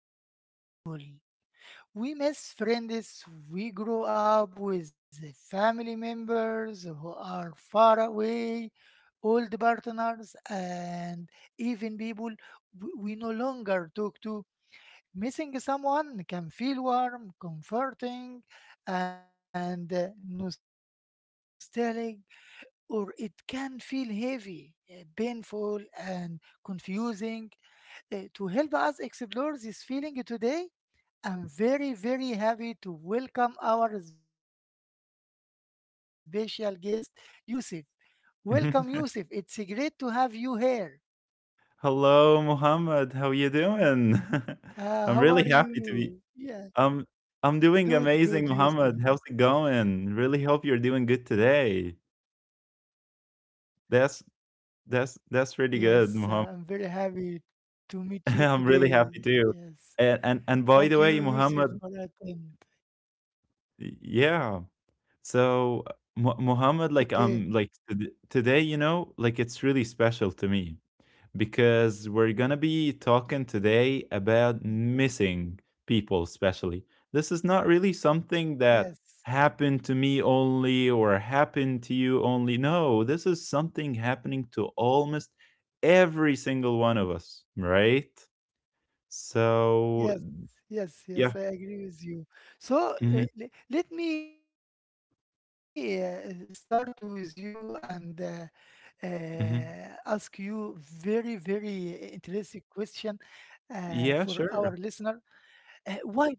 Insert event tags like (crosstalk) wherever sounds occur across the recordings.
human, the feeling of missing people. We miss friends we grew up with, family members who are far away, old partners and even people we no longer talk to. Missing someone can feel warm, comforting, and nostalgic, or it can feel heavy, painful, and confusing. To help us explore this feeling today, I'm very, very happy to welcome our special guest, Yusuf. Welcome, Yusuf. It's (laughs) great to have you here. Hello, Mohammed. How you doing? How (laughs) are I'm really you? happy to be. Yeah, I'm I'm doing good, good, amazing, Yusuf. Mohammed. How's it going? Really hope you're doing good today. That's that's really Yes, good, I'm Mohammed. very happy to meet (laughs) you I'm really today. happy too. Yes. And by the Thank you, way, Yusuf, Mohammed, for attend. yeah. So Mohammed, Okay. Like today, you know, like it's really special to me because we're going to be talking today about Mm. missing people, especially. This is not really something that Yes. happened to me only or happened to you only. No, this is something happening to almost every single one of us, right? So, Yes. yeah. Yes. Yes. I agree with you. hmm Let me start with you and uh, hmm ask you very, very interesting question Yeah, for sure. our listener.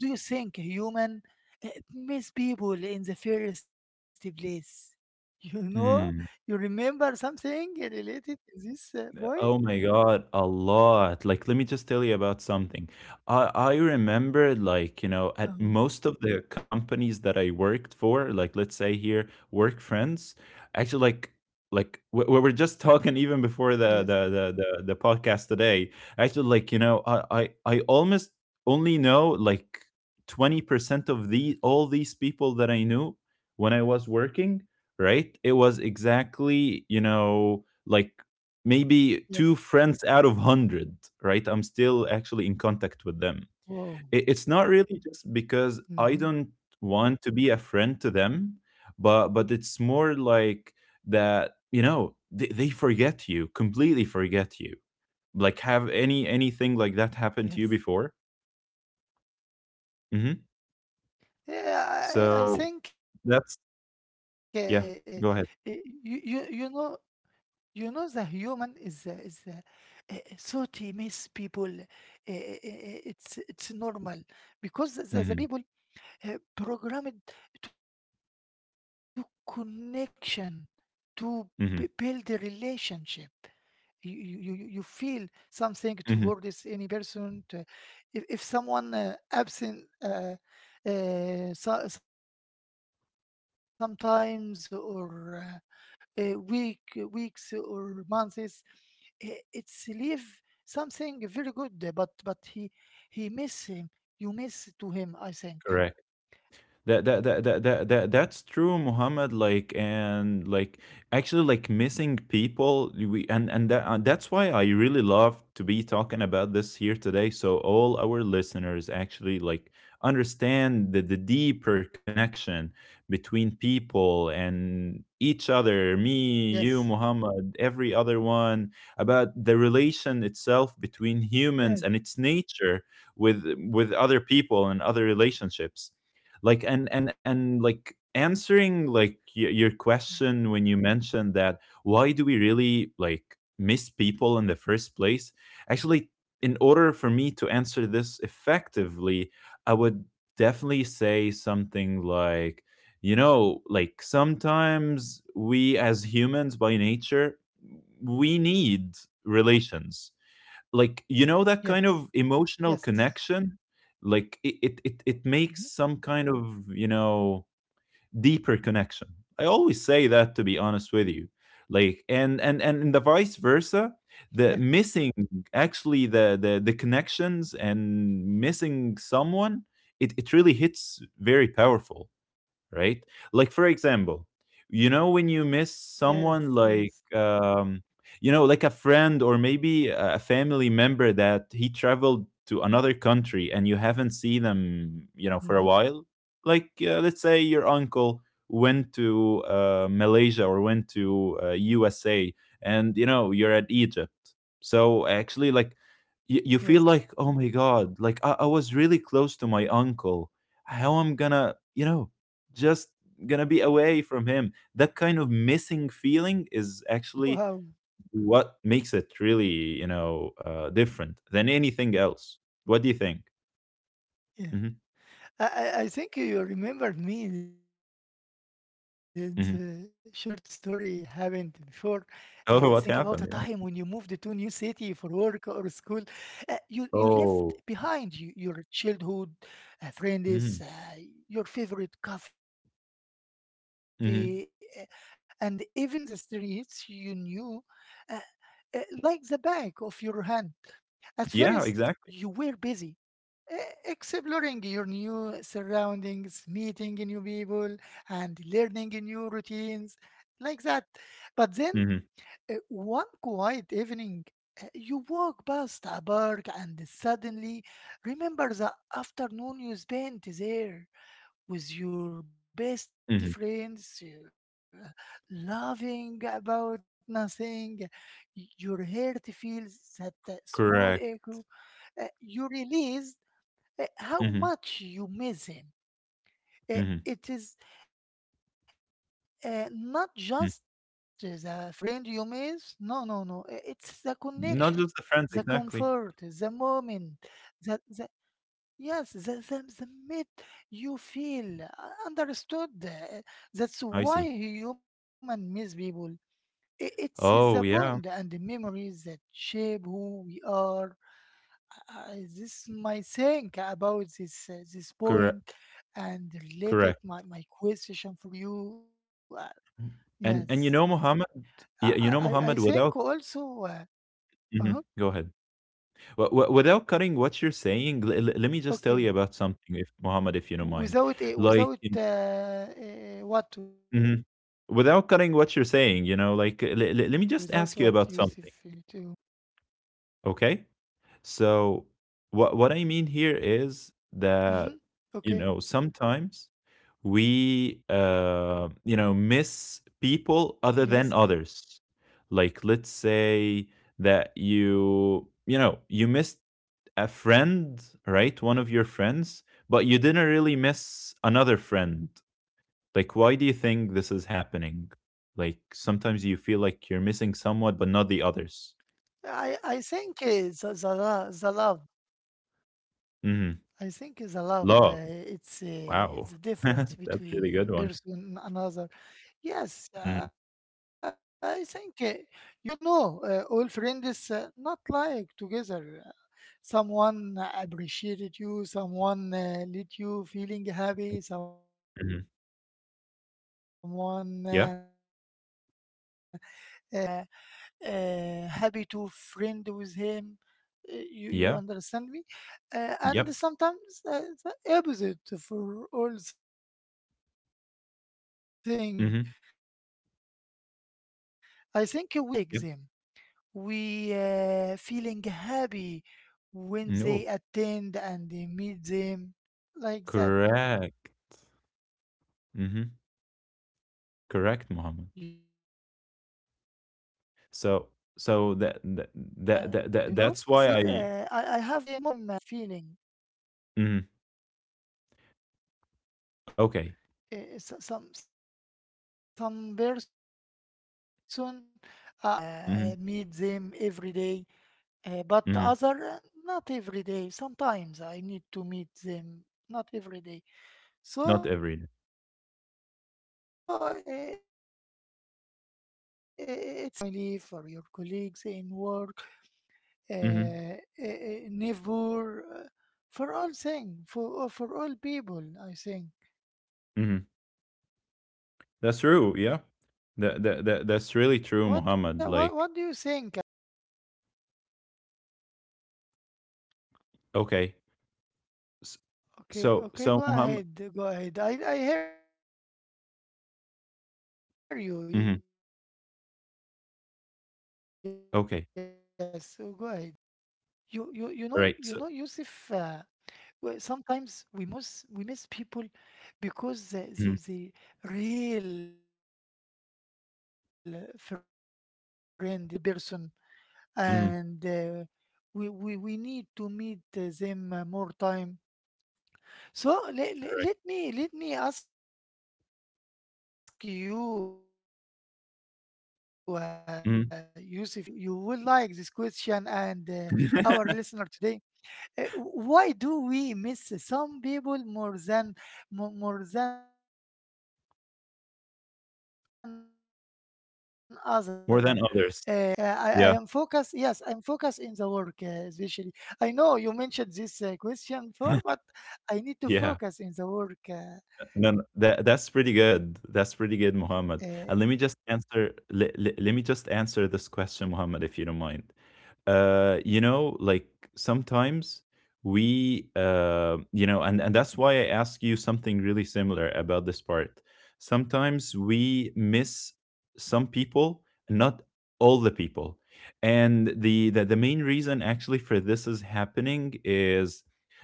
Why do you think human uh, miss people in the first place? (laughs) You Hmm. know, you remember something related to this Oh my point? God, a lot. Like, let me just tell you about something. I remember like, you know, at most of the Um, companies that I worked for, like let's say here, work friends, actually like we were just talking even before yes, the podcast today. Actually, like, you know, I almost only know like 20% of the all these people that I knew when I was working, right? It was exactly, you know, like maybe yes. two friends out of 100, right? I'm still actually in contact with them. It's not Wow. really just because I don't want Hmm. to be a friend to them, but it's more like that, you know, they forget you, completely forget you. Like have anything like that happened to you before? Yes. hmm So Yeah, I, that's I think yeah, uh, go ahead. you, you know the human is salty miss people. It's normal hmm because the people programmed to connection, to hmm build a relationship you feel hmm something towards any person. If someone absent so, sometimes or uh, uh, week weeks or months it's leave something very good , but he miss him, you Correct. miss to him that I that that think. that, that, that that's true, Muhammad. Like, and like actually like missing people, we and that and that's why I really love to be talking about this here today, so all our listeners actually like understand the deeper connection between people and each other, me, Yes. you, Muhammad, every other one, about the relation itself between humans and Yes. its nature with other people and other relationships. Like and like answering like your question when you mentioned that, why do we really like miss people in the first place? Actually, in order for me to answer this effectively, I would definitely say something like, you know, like sometimes we as humans by nature, we need relations, like, you know, that kind of Yes, emotional connection. yes. Like it, it makes some kind of, you Mhm. know, deeper connection. I always say that, to be honest with you. Like, and in the vice versa, the Yes, missing actually the connections and missing someone, it really hits very powerful, right? Like for example, you know, when you miss yes, someone yes. like you know, like a friend or maybe a family member that he traveled to another country and you haven't seen them, you know, for a while. Like Hmm. let's say your uncle went to Malaysia or went to USA, and you know you're at Egypt. So actually, like you feel like oh my god, like I was really close Yes. to my uncle. How I'm gonna, you know, just gonna be away from him? That kind of missing feeling is actually Wow. what makes it really, you know, different than anything else. What do you think? hmm Yeah. I I think you remembered me in hmm the short story happened before. Uh, (laughs) think Oh, what about a happened? Yeah. time when you moved to a new city for work or school. Uh, Oh. you you left behind you, your Mhm, childhood friends, your favorite coffee, mhm. And even the streets you knew, uh, like the back of your hand. Yeah, At exactly. first, you were busy exploring your new surroundings, meeting new people, and learning new routines, Mhm, like that. But then, one quiet evening, you walk past a park and suddenly remember the afternoon you spent there mhm. with your best friends, laughing about nothing. Your heart feels that Correct. Small echo, you release Mhm, how much you miss him. mhm, Uh, It is not mhm. just as a friend you miss. No, no, no. It's the connection, Not just the the friends, exactly. comfort, the moment, the yes, the mid you feel understood. uh, I That's see. why human miss people. It's the Oh, bond yeah. and the memories that shape who we are. This my think about this this Correct, point and correct. related my, my question for you. And you yes, know, Muhammad. I Yeah. I You know, think Muhammad, without also. Uh-huh. mhm, go ahead. W w Without cutting what you're saying, le le let me just Okay. tell you about something, if you don't mind. Without it, without Like in what, without mhm. what, Yusuf, Without you cutting need to what you're saying, you know, mention. like, le le let me I, just ask you about something, okay? So what I mean hmm. here Okay. is that you know sometimes we you know Yes. miss people other than others. Like let's say that you know you missed a friend, right? One of your friends, but you didn't really miss another friend. Like why do you think this is happening? Like sometimes you feel I like I you're think missing someone but not the the others. love. I think the love. It's hmm the difference between Love. person and Wow. another. (laughs) That's a Yes, really good I one. think you, if you love Mhm, someone, you know, all friends not like together. Someone appreciated you, someone let you feeling happy, someone mhm. uh, Yeah, uh, made you happy to friend with him. You yeah, understand me? And yep, sometimes the opposite for all things. I think we miss people mhm, he, we loved, we like them, yep. we feeling happy when they No, attend and they meet them, like that. correct. You know, Mhm, I have more correct, friends. Mohammed. I didn't love all the So thing in the in the same feeling. that's why I mhm, Some okay. person. Uh, uh, I like to meet Mhm, them every day, but mhm. other not every day. Sometimes I need to meet them, not every day. Not every day. It's is amazing for friends, for your family, for your colleagues in work, uh, uh, Mhm, neighbor, for all thing, for all people, I think. What mhm. uh, what what do you think That's about? true, yeah. That that Uh, that that's really true, Mohammed. Like, okay. S- Okay, okay, go So so ahead, Mohammed go ahead. I hear you. Yes, so go ahead. mhm, You you you okay. know you know Yusuf. Well, Right. So, sometimes we miss people because the mhm, real friend is a real family, real good person, and mhm, we need to meet them more time. So let, let correct. me let me ask you, Yusuf, about something. It's very good. I think uh, you Mhm. you will like this question and our listener today. (laughs) Why do we miss some people more than more than other, especially in the work? More Uh, than I, I others. am focused. Yes, Yeah. I am focused in the work, especially. I know you mentioned this question before, but I need to focus in the Yeah. work No, no, in that this. that's pretty good. That's pretty good, Muhammad. And let me just answer. Let me just answer this question, Muhammad, if you don't mind. You know, like sometimes you know, and that's why I ask you something really similar about this part. Sometimes we miss some people, not all the people, and the main reason actually for this is happening is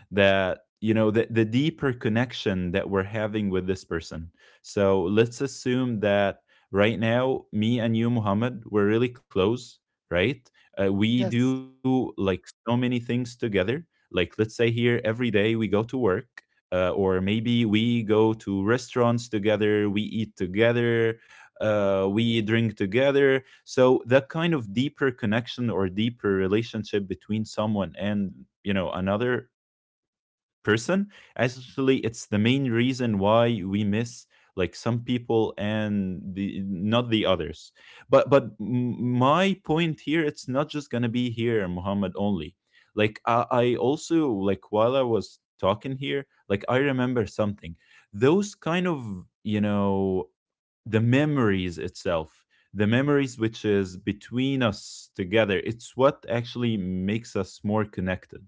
that you know the deeper connection that we're having with this person. So let's assume that right now me and you, Muhammad, we're really close, right? We Yes, do like so many things together, like let's say here every day we go to work, or maybe we go to restaurants together, we eat together, we drink together. So that kind of deeper connection or deeper relationship between someone and, you know, another person, actually it's the main reason why we miss like some people and the not the others. But my point here it's not just gonna be here, Muhammad, only. Like, I also like, while I was talking here, like I remember something. Those kind of, you know, the memories itself, the memories which is between us together, it's what actually makes us more connected,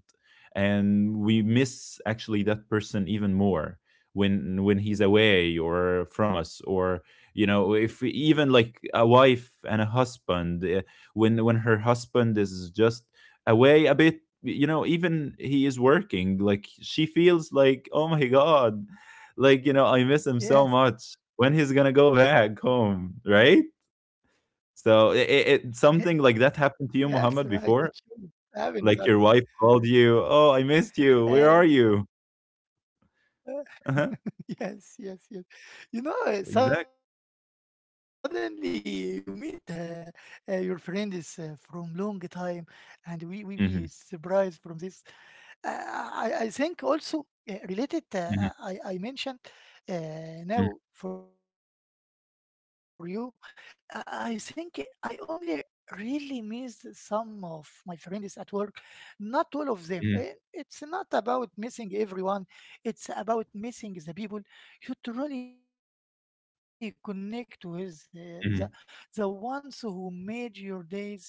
and we miss actually that person even more when he's away or from us, or you know, if we- even like a wife and a husband, when her husband is just away a bit, you know, even he is working, like she feels like oh my god, yes, like, you know, I miss him so much. When he's gonna go back (laughs) yes, home, right? yes, right. It So should it something happen like with us. that happened to you, Muhammad, before? Like your wife Uh, called you, "Oh, I missed you. Where are uh, you?" (laughs) yes, yes, yes. Uh-huh. You know, suddenly you meet Exactly. Your friend is from long time, and we surprised from this. Mhm, I think also related, I mentioned mhm, now for mhm, you, I think I only really missed some of my friends at work, not all of them. Eh, it's not about mhm, missing everyone, it's about missing the people you truly connect with, the ones who made your mhm, days brighter or made for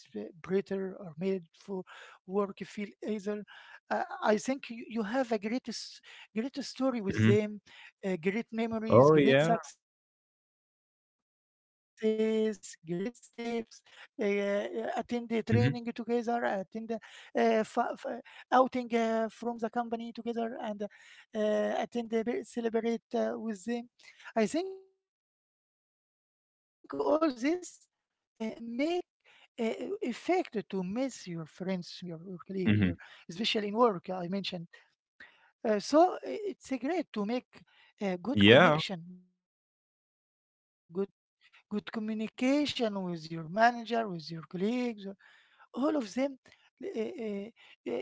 work feel easier. I think you, you have a great story with them, mhm. Great memories, great Oh yeah. success, great steps. Attend the training together, attend the, uh, fa- Mhm, fa- outing from the company together, and attend the celebrate with them. I think all this make uh, effect to miss your friends, your colleague, your especially in work. I mhm. mentioned so it's a great to make a good connection, good Yeah. good communication with your manager, with your colleagues, all of them. uh, uh, you remember, Yusuf,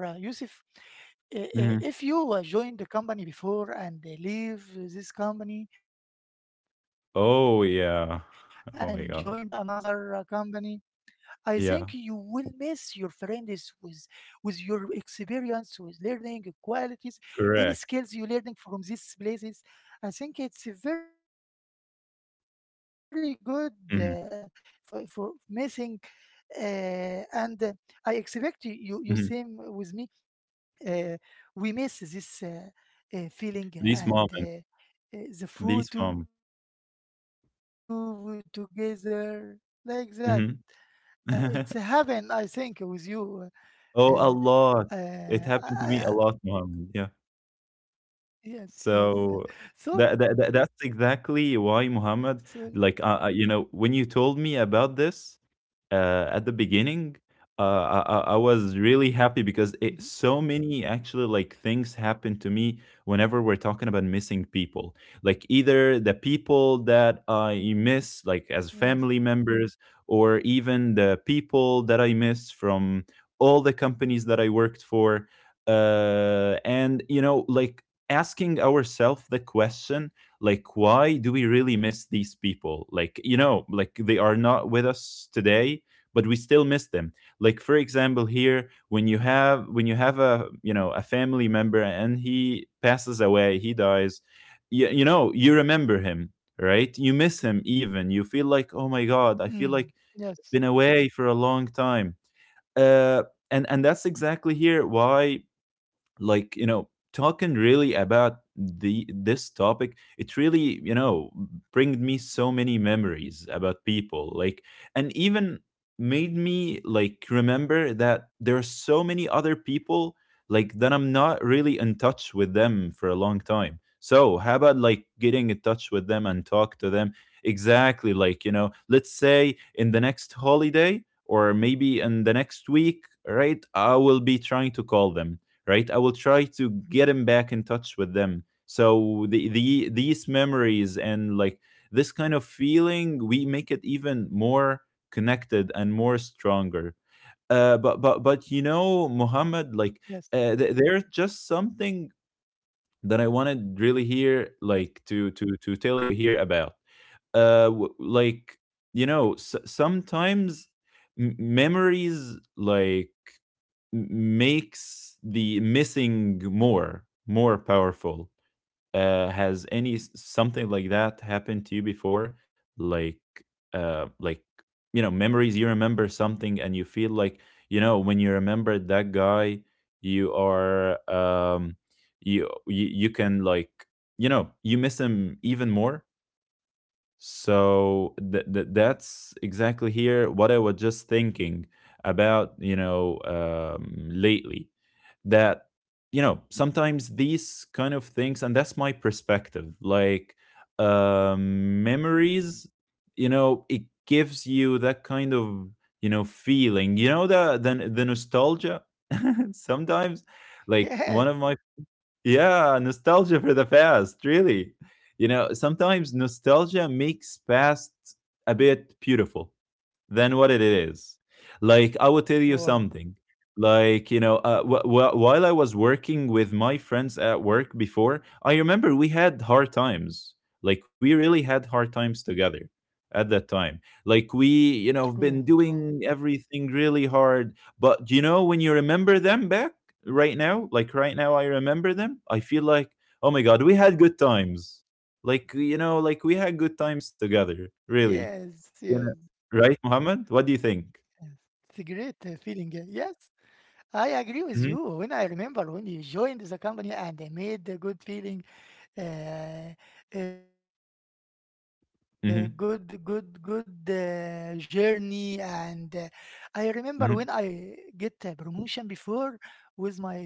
if you joined Mhm. the company before and leave this company and joined another Oh company, yeah. I Oh my think you God. will miss your friends Yeah. with your experience, with learning qualities, any skills you learning Correct. from these places. I think it's a very good for missing, Mhm, uh, and I expect you you you same with me. mhm. Uh, we miss this feeling and These moments. The food to These moments. together, like that. It's heaven, I think, with Mhm. you. (laughs) uh, uh, I, Oh, a I, lot. It happened to me a lot, Muhammad. Yeah. yes, yes. (laughs) So So so that's exactly why, Muhammad. Like, you know, when you told me about this, at the beginning, I mhm, I was really happy because so many actually like things happen to me whenever we're talking about missing people, like either yes. the people that I miss like as family members or even the people that I miss from all the companies that I worked for. And you know, like asking ourselves the question, like why do we really miss these people? Like, you know, like they are not with us today, but we still miss them. Like for example here, when you have a, you know, a family member and he passes away, he dies, you know you remember him, right? Mm, You miss him, yes. even you feel like oh my god, I feel like I've been away for a long time. uh and that's exactly here why like, you know, talking really about the this topic, it really, you know, bring me so many memories about people. Like, and even made me like remember that there are so many other people like that I'm not really in touch with them for a long time. So how about like getting in touch with them and talk to them, exactly, like, you know, let's say in the next holiday or maybe in the next week, right? I will be trying to call them, right? I will try to get him back in touch with them. So the these memories and like this kind of feeling, we make it even more connected and more stronger. Uh, but Yes, but but you know, Muhammad, like there's just something that I yes, wanted really here, like to tell you here about. Like, you know, s- sometimes memories like makes the missing more powerful. Has any something like that happened to you before? Like like you know, memories, you remember something and you feel like, you know, when you remember that guy, you are you can like, you know, you miss him even more. So that's exactly here what I was just thinking about, you know, lately. That, sometimes these kind of things, and that's my perspective, like memories, it gives you that kind of, feeling, you know, the nostalgia (laughs) sometimes. Like one yes, of my yeah, nostalgia for the past, really. You know, sometimes nostalgia makes past a bit beautiful than what it Wow. is. Like, I will tell you something. Like, you know, while I was working with my friends at work before, I remember we had hard times. Like, we really had hard times together at that True, time. true. Like, we, you know, have been doing everything really hard. But, you know, when you remember them back right now, like right now, I remember them, I feel like, oh my God, we had good times. Like, Yes, you know, yes, like we had good times together, yes. really. It's You a great Right, feeling, Mohammed? What do you yes. think? I agree with you. When I remember when you Mhm, joined the company and made a good feeling, uh, good good good journey, mhm, and I remember when I get a promotion mhm, before with my best friend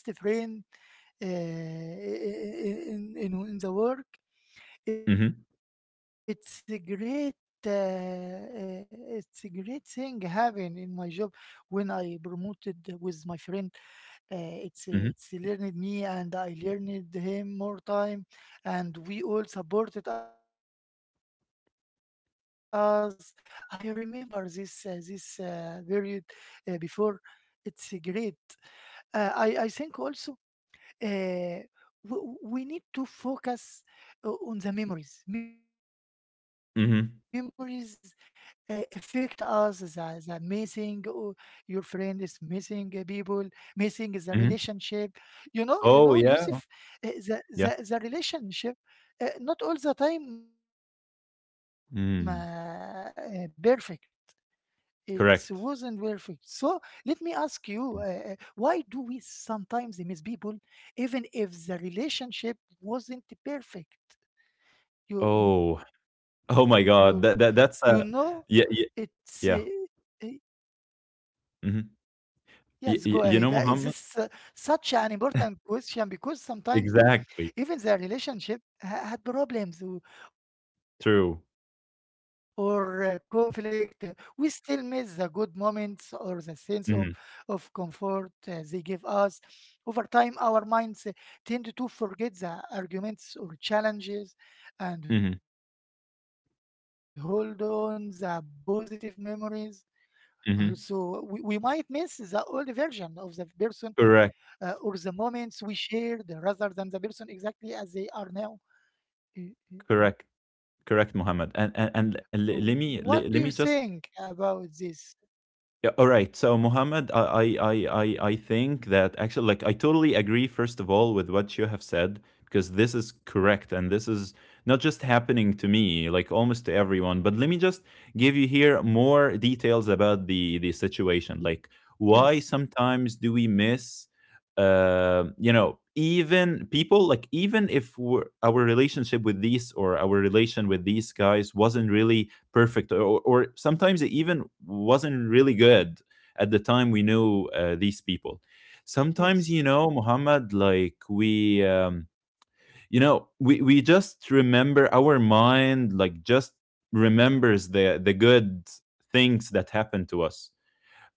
in the work. It's a great mhm, it's a great thing having in my job when I promoted with my friend. It's learned mhm, me and I learned him more time, and we all supported us. I remember this this period before. It's great. I I think also uh, we, we need to focus on the memories. Memories affect us. mhm, The missing. Your friend is missing people, missing the relationship. You mhm. know, Yusuf, Oh, yeah, the yeah. relationship not all the time perfect. Mm, It wasn't perfect. So let me ask you, correct. Why do we Mm. sometimes miss people even if the relationship wasn't perfect? You you you Oh, know, oh it's my God. That uh, that that's a yeah yeah yeah. yes. Go ahead. Is Hmm. this such an You know, important Mohammed? question? Because sometimes even the relationship Exactly. Had problems or conflict, we True. still miss the good moments or the sense of comfort they give Hmm. us. Over time, our minds tend to forget the arguments or challenges and hold on the Hmm. positive memories. Also, we might miss the old version Hmm. of the person or the moments we Correct. shared rather than the person exactly as they are now. Y- y- Correct. What do you Correct, think Mohammed. about And and, this? and le- let me le- let me just. Yeah, all right. So, Mohammed, I, I think that actually, like, I totally agree, first of all, with what you have said, because this is correct. And this is not just happening to me, like, almost to everyone. But let me just give you here more details about the situation. Like, Yes, why sometimes do we miss, you know, even people, like, even if we're, our relationship with these or our relation with these guys wasn't really perfect or sometimes it even wasn't really good at the time yes. we knew these people. Sometimes you know Muhammad, like we you know we just remember our mind like just remembers the good things that happened to us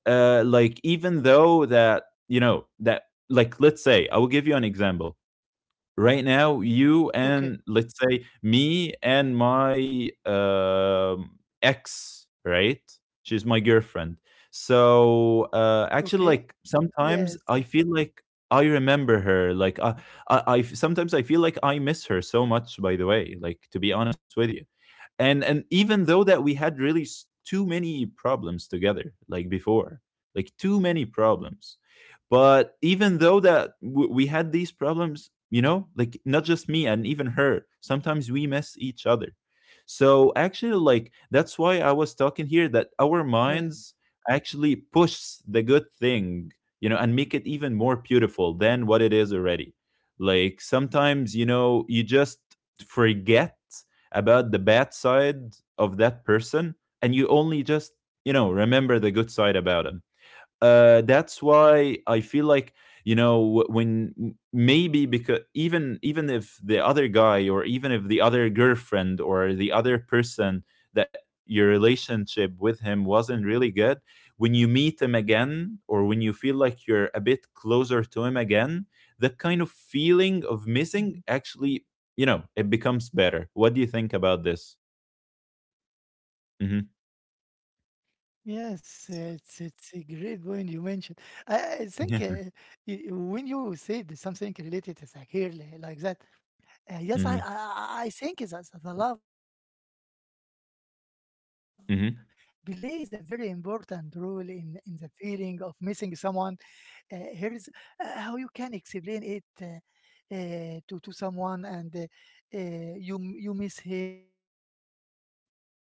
like even though that you know that, like let's say I will give you an example. Okay, Right now you and let's say me and my ex, right? She's my okay. girlfriend. Yes, So yes, actually like sometimes I feel like I remember her like I sometimes I feel like I miss her so much, by the way, like to be honest with you. And even though that we had really too many problems together like before, like too many problems, but even though that we had these problems, you know, like not just me and even her, sometimes we miss each other. So actually, yes. like that's why I was talking here that our minds actually push the good thing, you know, and make it even more beautiful than what it is already. Like sometimes, you know, you just forget about the bad side of that person and you only just, you know, remember the good side about him. That's why I feel like you know when maybe because even if the other guy or even if the other girlfriend or the other person that your relationship with him wasn't really good, when you meet him again or when you feel like you're a bit closer to him again, that kind of Hmm. feeling of missing actually, you know, it becomes better. What do you think about this? Yes, Mm-hmm. it's a great point you mentioned. I, I think when you said (laughs) something related as a girl like that. I Mm-hmm. think that the love plays a very important role in the Mm-hmm. feeling of missing someone. Uh, here is how you can explain it to someone, and you miss him, you miss her, you miss someone.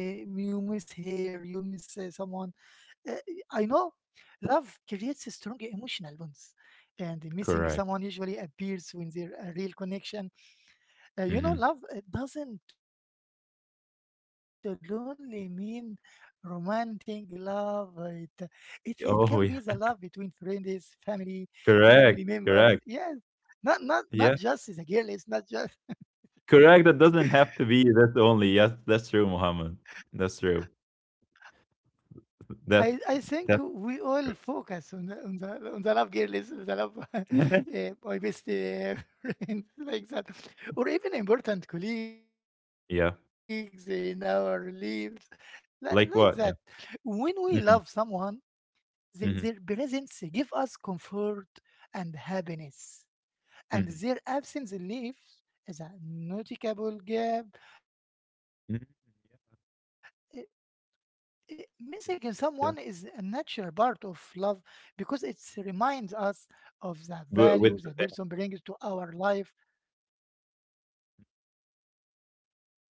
Uh, I know love creates strong emotional bonds. And missing someone usually appears when Correct. there a real connection. You know, love it Mm-hmm. doesn't only mean romantic love. It can be the love between friends, Oh family, yeah. family members. Yes, Correct. not not Correct. not just the girls, Yeah, not just. correct. That doesn't have to be that's only. Yes, that's true, Muhammad. That's I true. think we all focus on the That on the on that's the love true. girls, the love (laughs) my best (laughs) (laughs) friend like that, or even important colleagues in our lives, Yeah, like that. When we love someone, like what? Yeah. the, their Mhm, presence give us mhm, comfort and happiness, and their absence mhm, leaves as a noticeable gap. eh, mhm. Missing someone is a natural part of love because it Yeah, reminds us of the value that person brings to our but with the life, pen. right?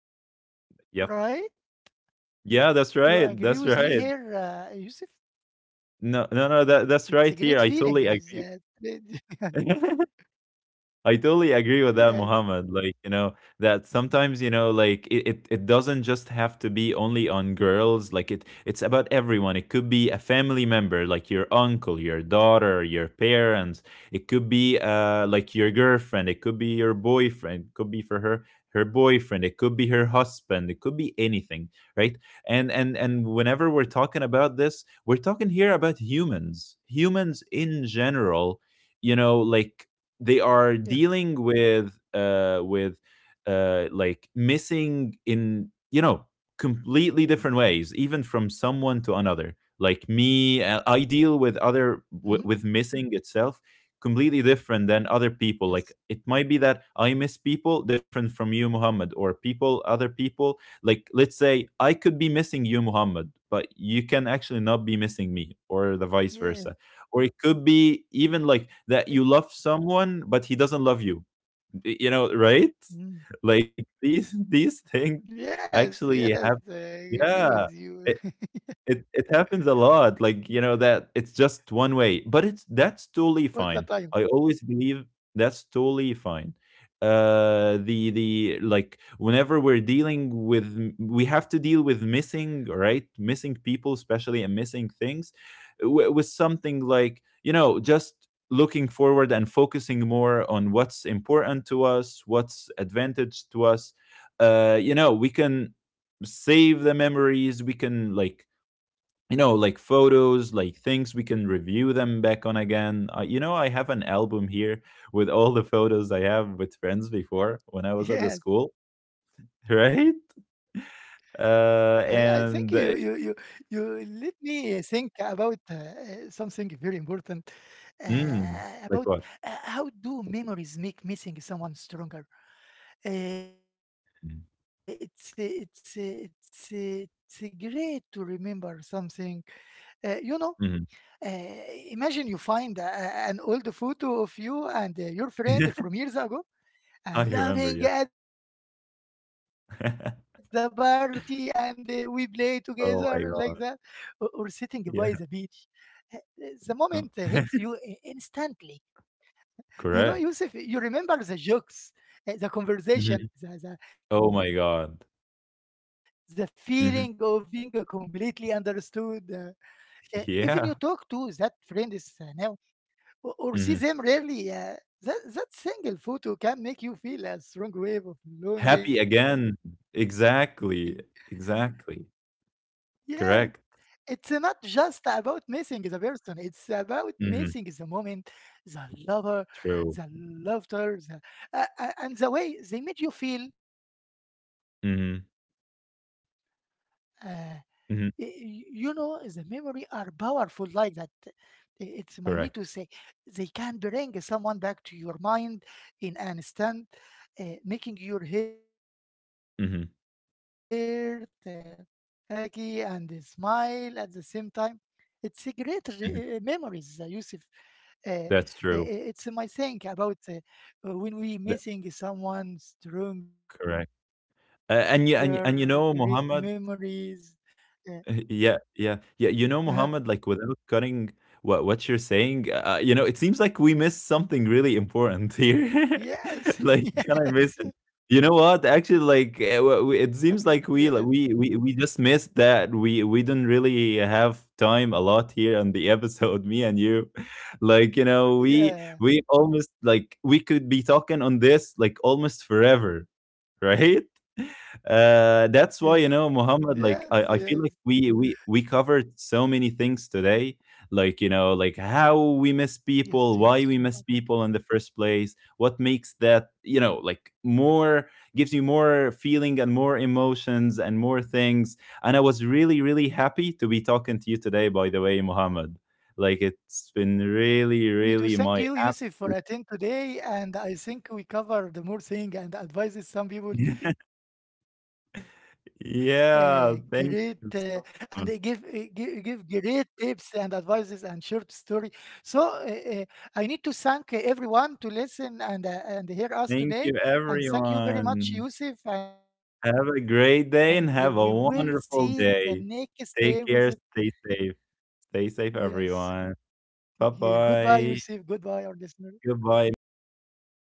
You agree with me Yep. here, Yusuf? Yeah, that's right. That's right. It's a great feeling. No, no, no. That that's right it- here. I (laughs) totally agree. (laughs) I yes, totally agree with that, Muhammad. Like, you know, that sometimes, you know, like it doesn't just have to be only on girls. Like it it's about everyone. It could be a family member, like your uncle, your daughter, your parents. It could be like your girlfriend, it could be your boyfriend, it could be for her her boyfriend, it could be her husband, it could be anything, right? And whenever we're talking about this, we're talking here about humans. Humans in general, you know, yes, like they are dealing with like missing in, you know, completely different ways even from someone to another. Like hmm, me, I deal with with missing itself yes, completely different than other people. Like it might be that I miss people different from you Muhammad, or people other people. Like let's say I could be missing you Muhammad, but you can yeah, actually not be missing me or the vice versa. Or it could (laughs) be even like that you love someone but he doesn't love you. You know, mm. right? Yes, Like yes. these (laughs) I agree these with things you actually have, yeah, it happens a lot, like, you know, that it's (laughs) all just the one way, time. but it's that's totally fine. I always believe that's totally fine. The like whenever we're dealing with we have to deal with missing, right? Missing people especially, and missing things, with something like, you know, just looking forward and focusing more on what's important to us, what's advantage to us. You know, we can save the memories. We can like, you know, like photos, like things we can review them back on again. You know, I have an album here with all the photos I have with (laughs) friends Yes. before when I was at the school. I think (laughs) you, Right. you, you, you let me think and about something very important about how do Mm, like what? memories make missing someone stronger. Mm. It's great to remember something. You know, uh, imagine you find Mhm. an old photo of you and your friend from years ago (laughs) and laughing I at the remember, yeah. party and we play together like (laughs) that, or sitting by the beach. Oh my Uh, God. the moment Yeah. hits you instantly. Oh. (laughs) You know Yusuf, you remember the Correct. jokes, the conversation, the, the, Hmm. the feeling of Oh my being God. completely understood, Hmm. Even you talk to that friend is now Yeah. و or see them rarely. That Hmm. single photo can make you feel a strong wave of longing. Happy again. Yeah, Exactly. it's not just Exactly. about missing the Correct. person, it's about missing the moment, the Hmm. lover, the laughter, True. And the way they made you feel. Uh, Hmm. You know, the memory are powerful Mhm. like that. It's my need to say they can bring Correct. someone back to your mind in an instant, making your heart happy Mhm, and smile at the same time. It's a great memories, Yusuf. uh, mhm. uh, it's my think That's about true. When we missing That someone stronger great Correct. memories. A uh, and you and you and you know, Muhammad. uh, (laughs) yeah, yeah, yeah. You know, Mohammed, like without cutting what you're saying, you know, it seems like we missed something really important here. yes. (laughs) (laughs) Like, can I Yes, miss it? You know yes, what? Actually, like it seems like we like, we just missed that. We didn't really have time a lot here on the (laughs) episode, me and you. (laughs) Like, you yeah. know, we almost like we could be talking on this like almost forever. (laughs) Yes, Right? yes, yes, That's why you know, Muhammad. Like, I feel like we covered so many things today. yes, Like you yes. know, like how we miss people, why we miss people in the first place, what makes that you know like more, gives you more feeling and more emotions and more things. And I was really really happy to be talking to you today, by the way, Me Muhammad. too. Thank Like you, Yusuf, it's for been attending really today. really my And app. I think we covered the more thing and advises some people. (laughs) Great, and they give, give Yeah, great thank tips you and so advices much. and short story. So uh, uh, I need to thank everyone to listen and hear us today. And thank you Thank very you, much, Yusuf. And everyone. we will see in the Have a next great episode. day and have a wonderful day. Yes. Take care. Stay safe. Take care. Stay safe, Goodbye, Yusuf. everyone. Goodbye, Bye our listener. bye. Goodbye, Muhammad.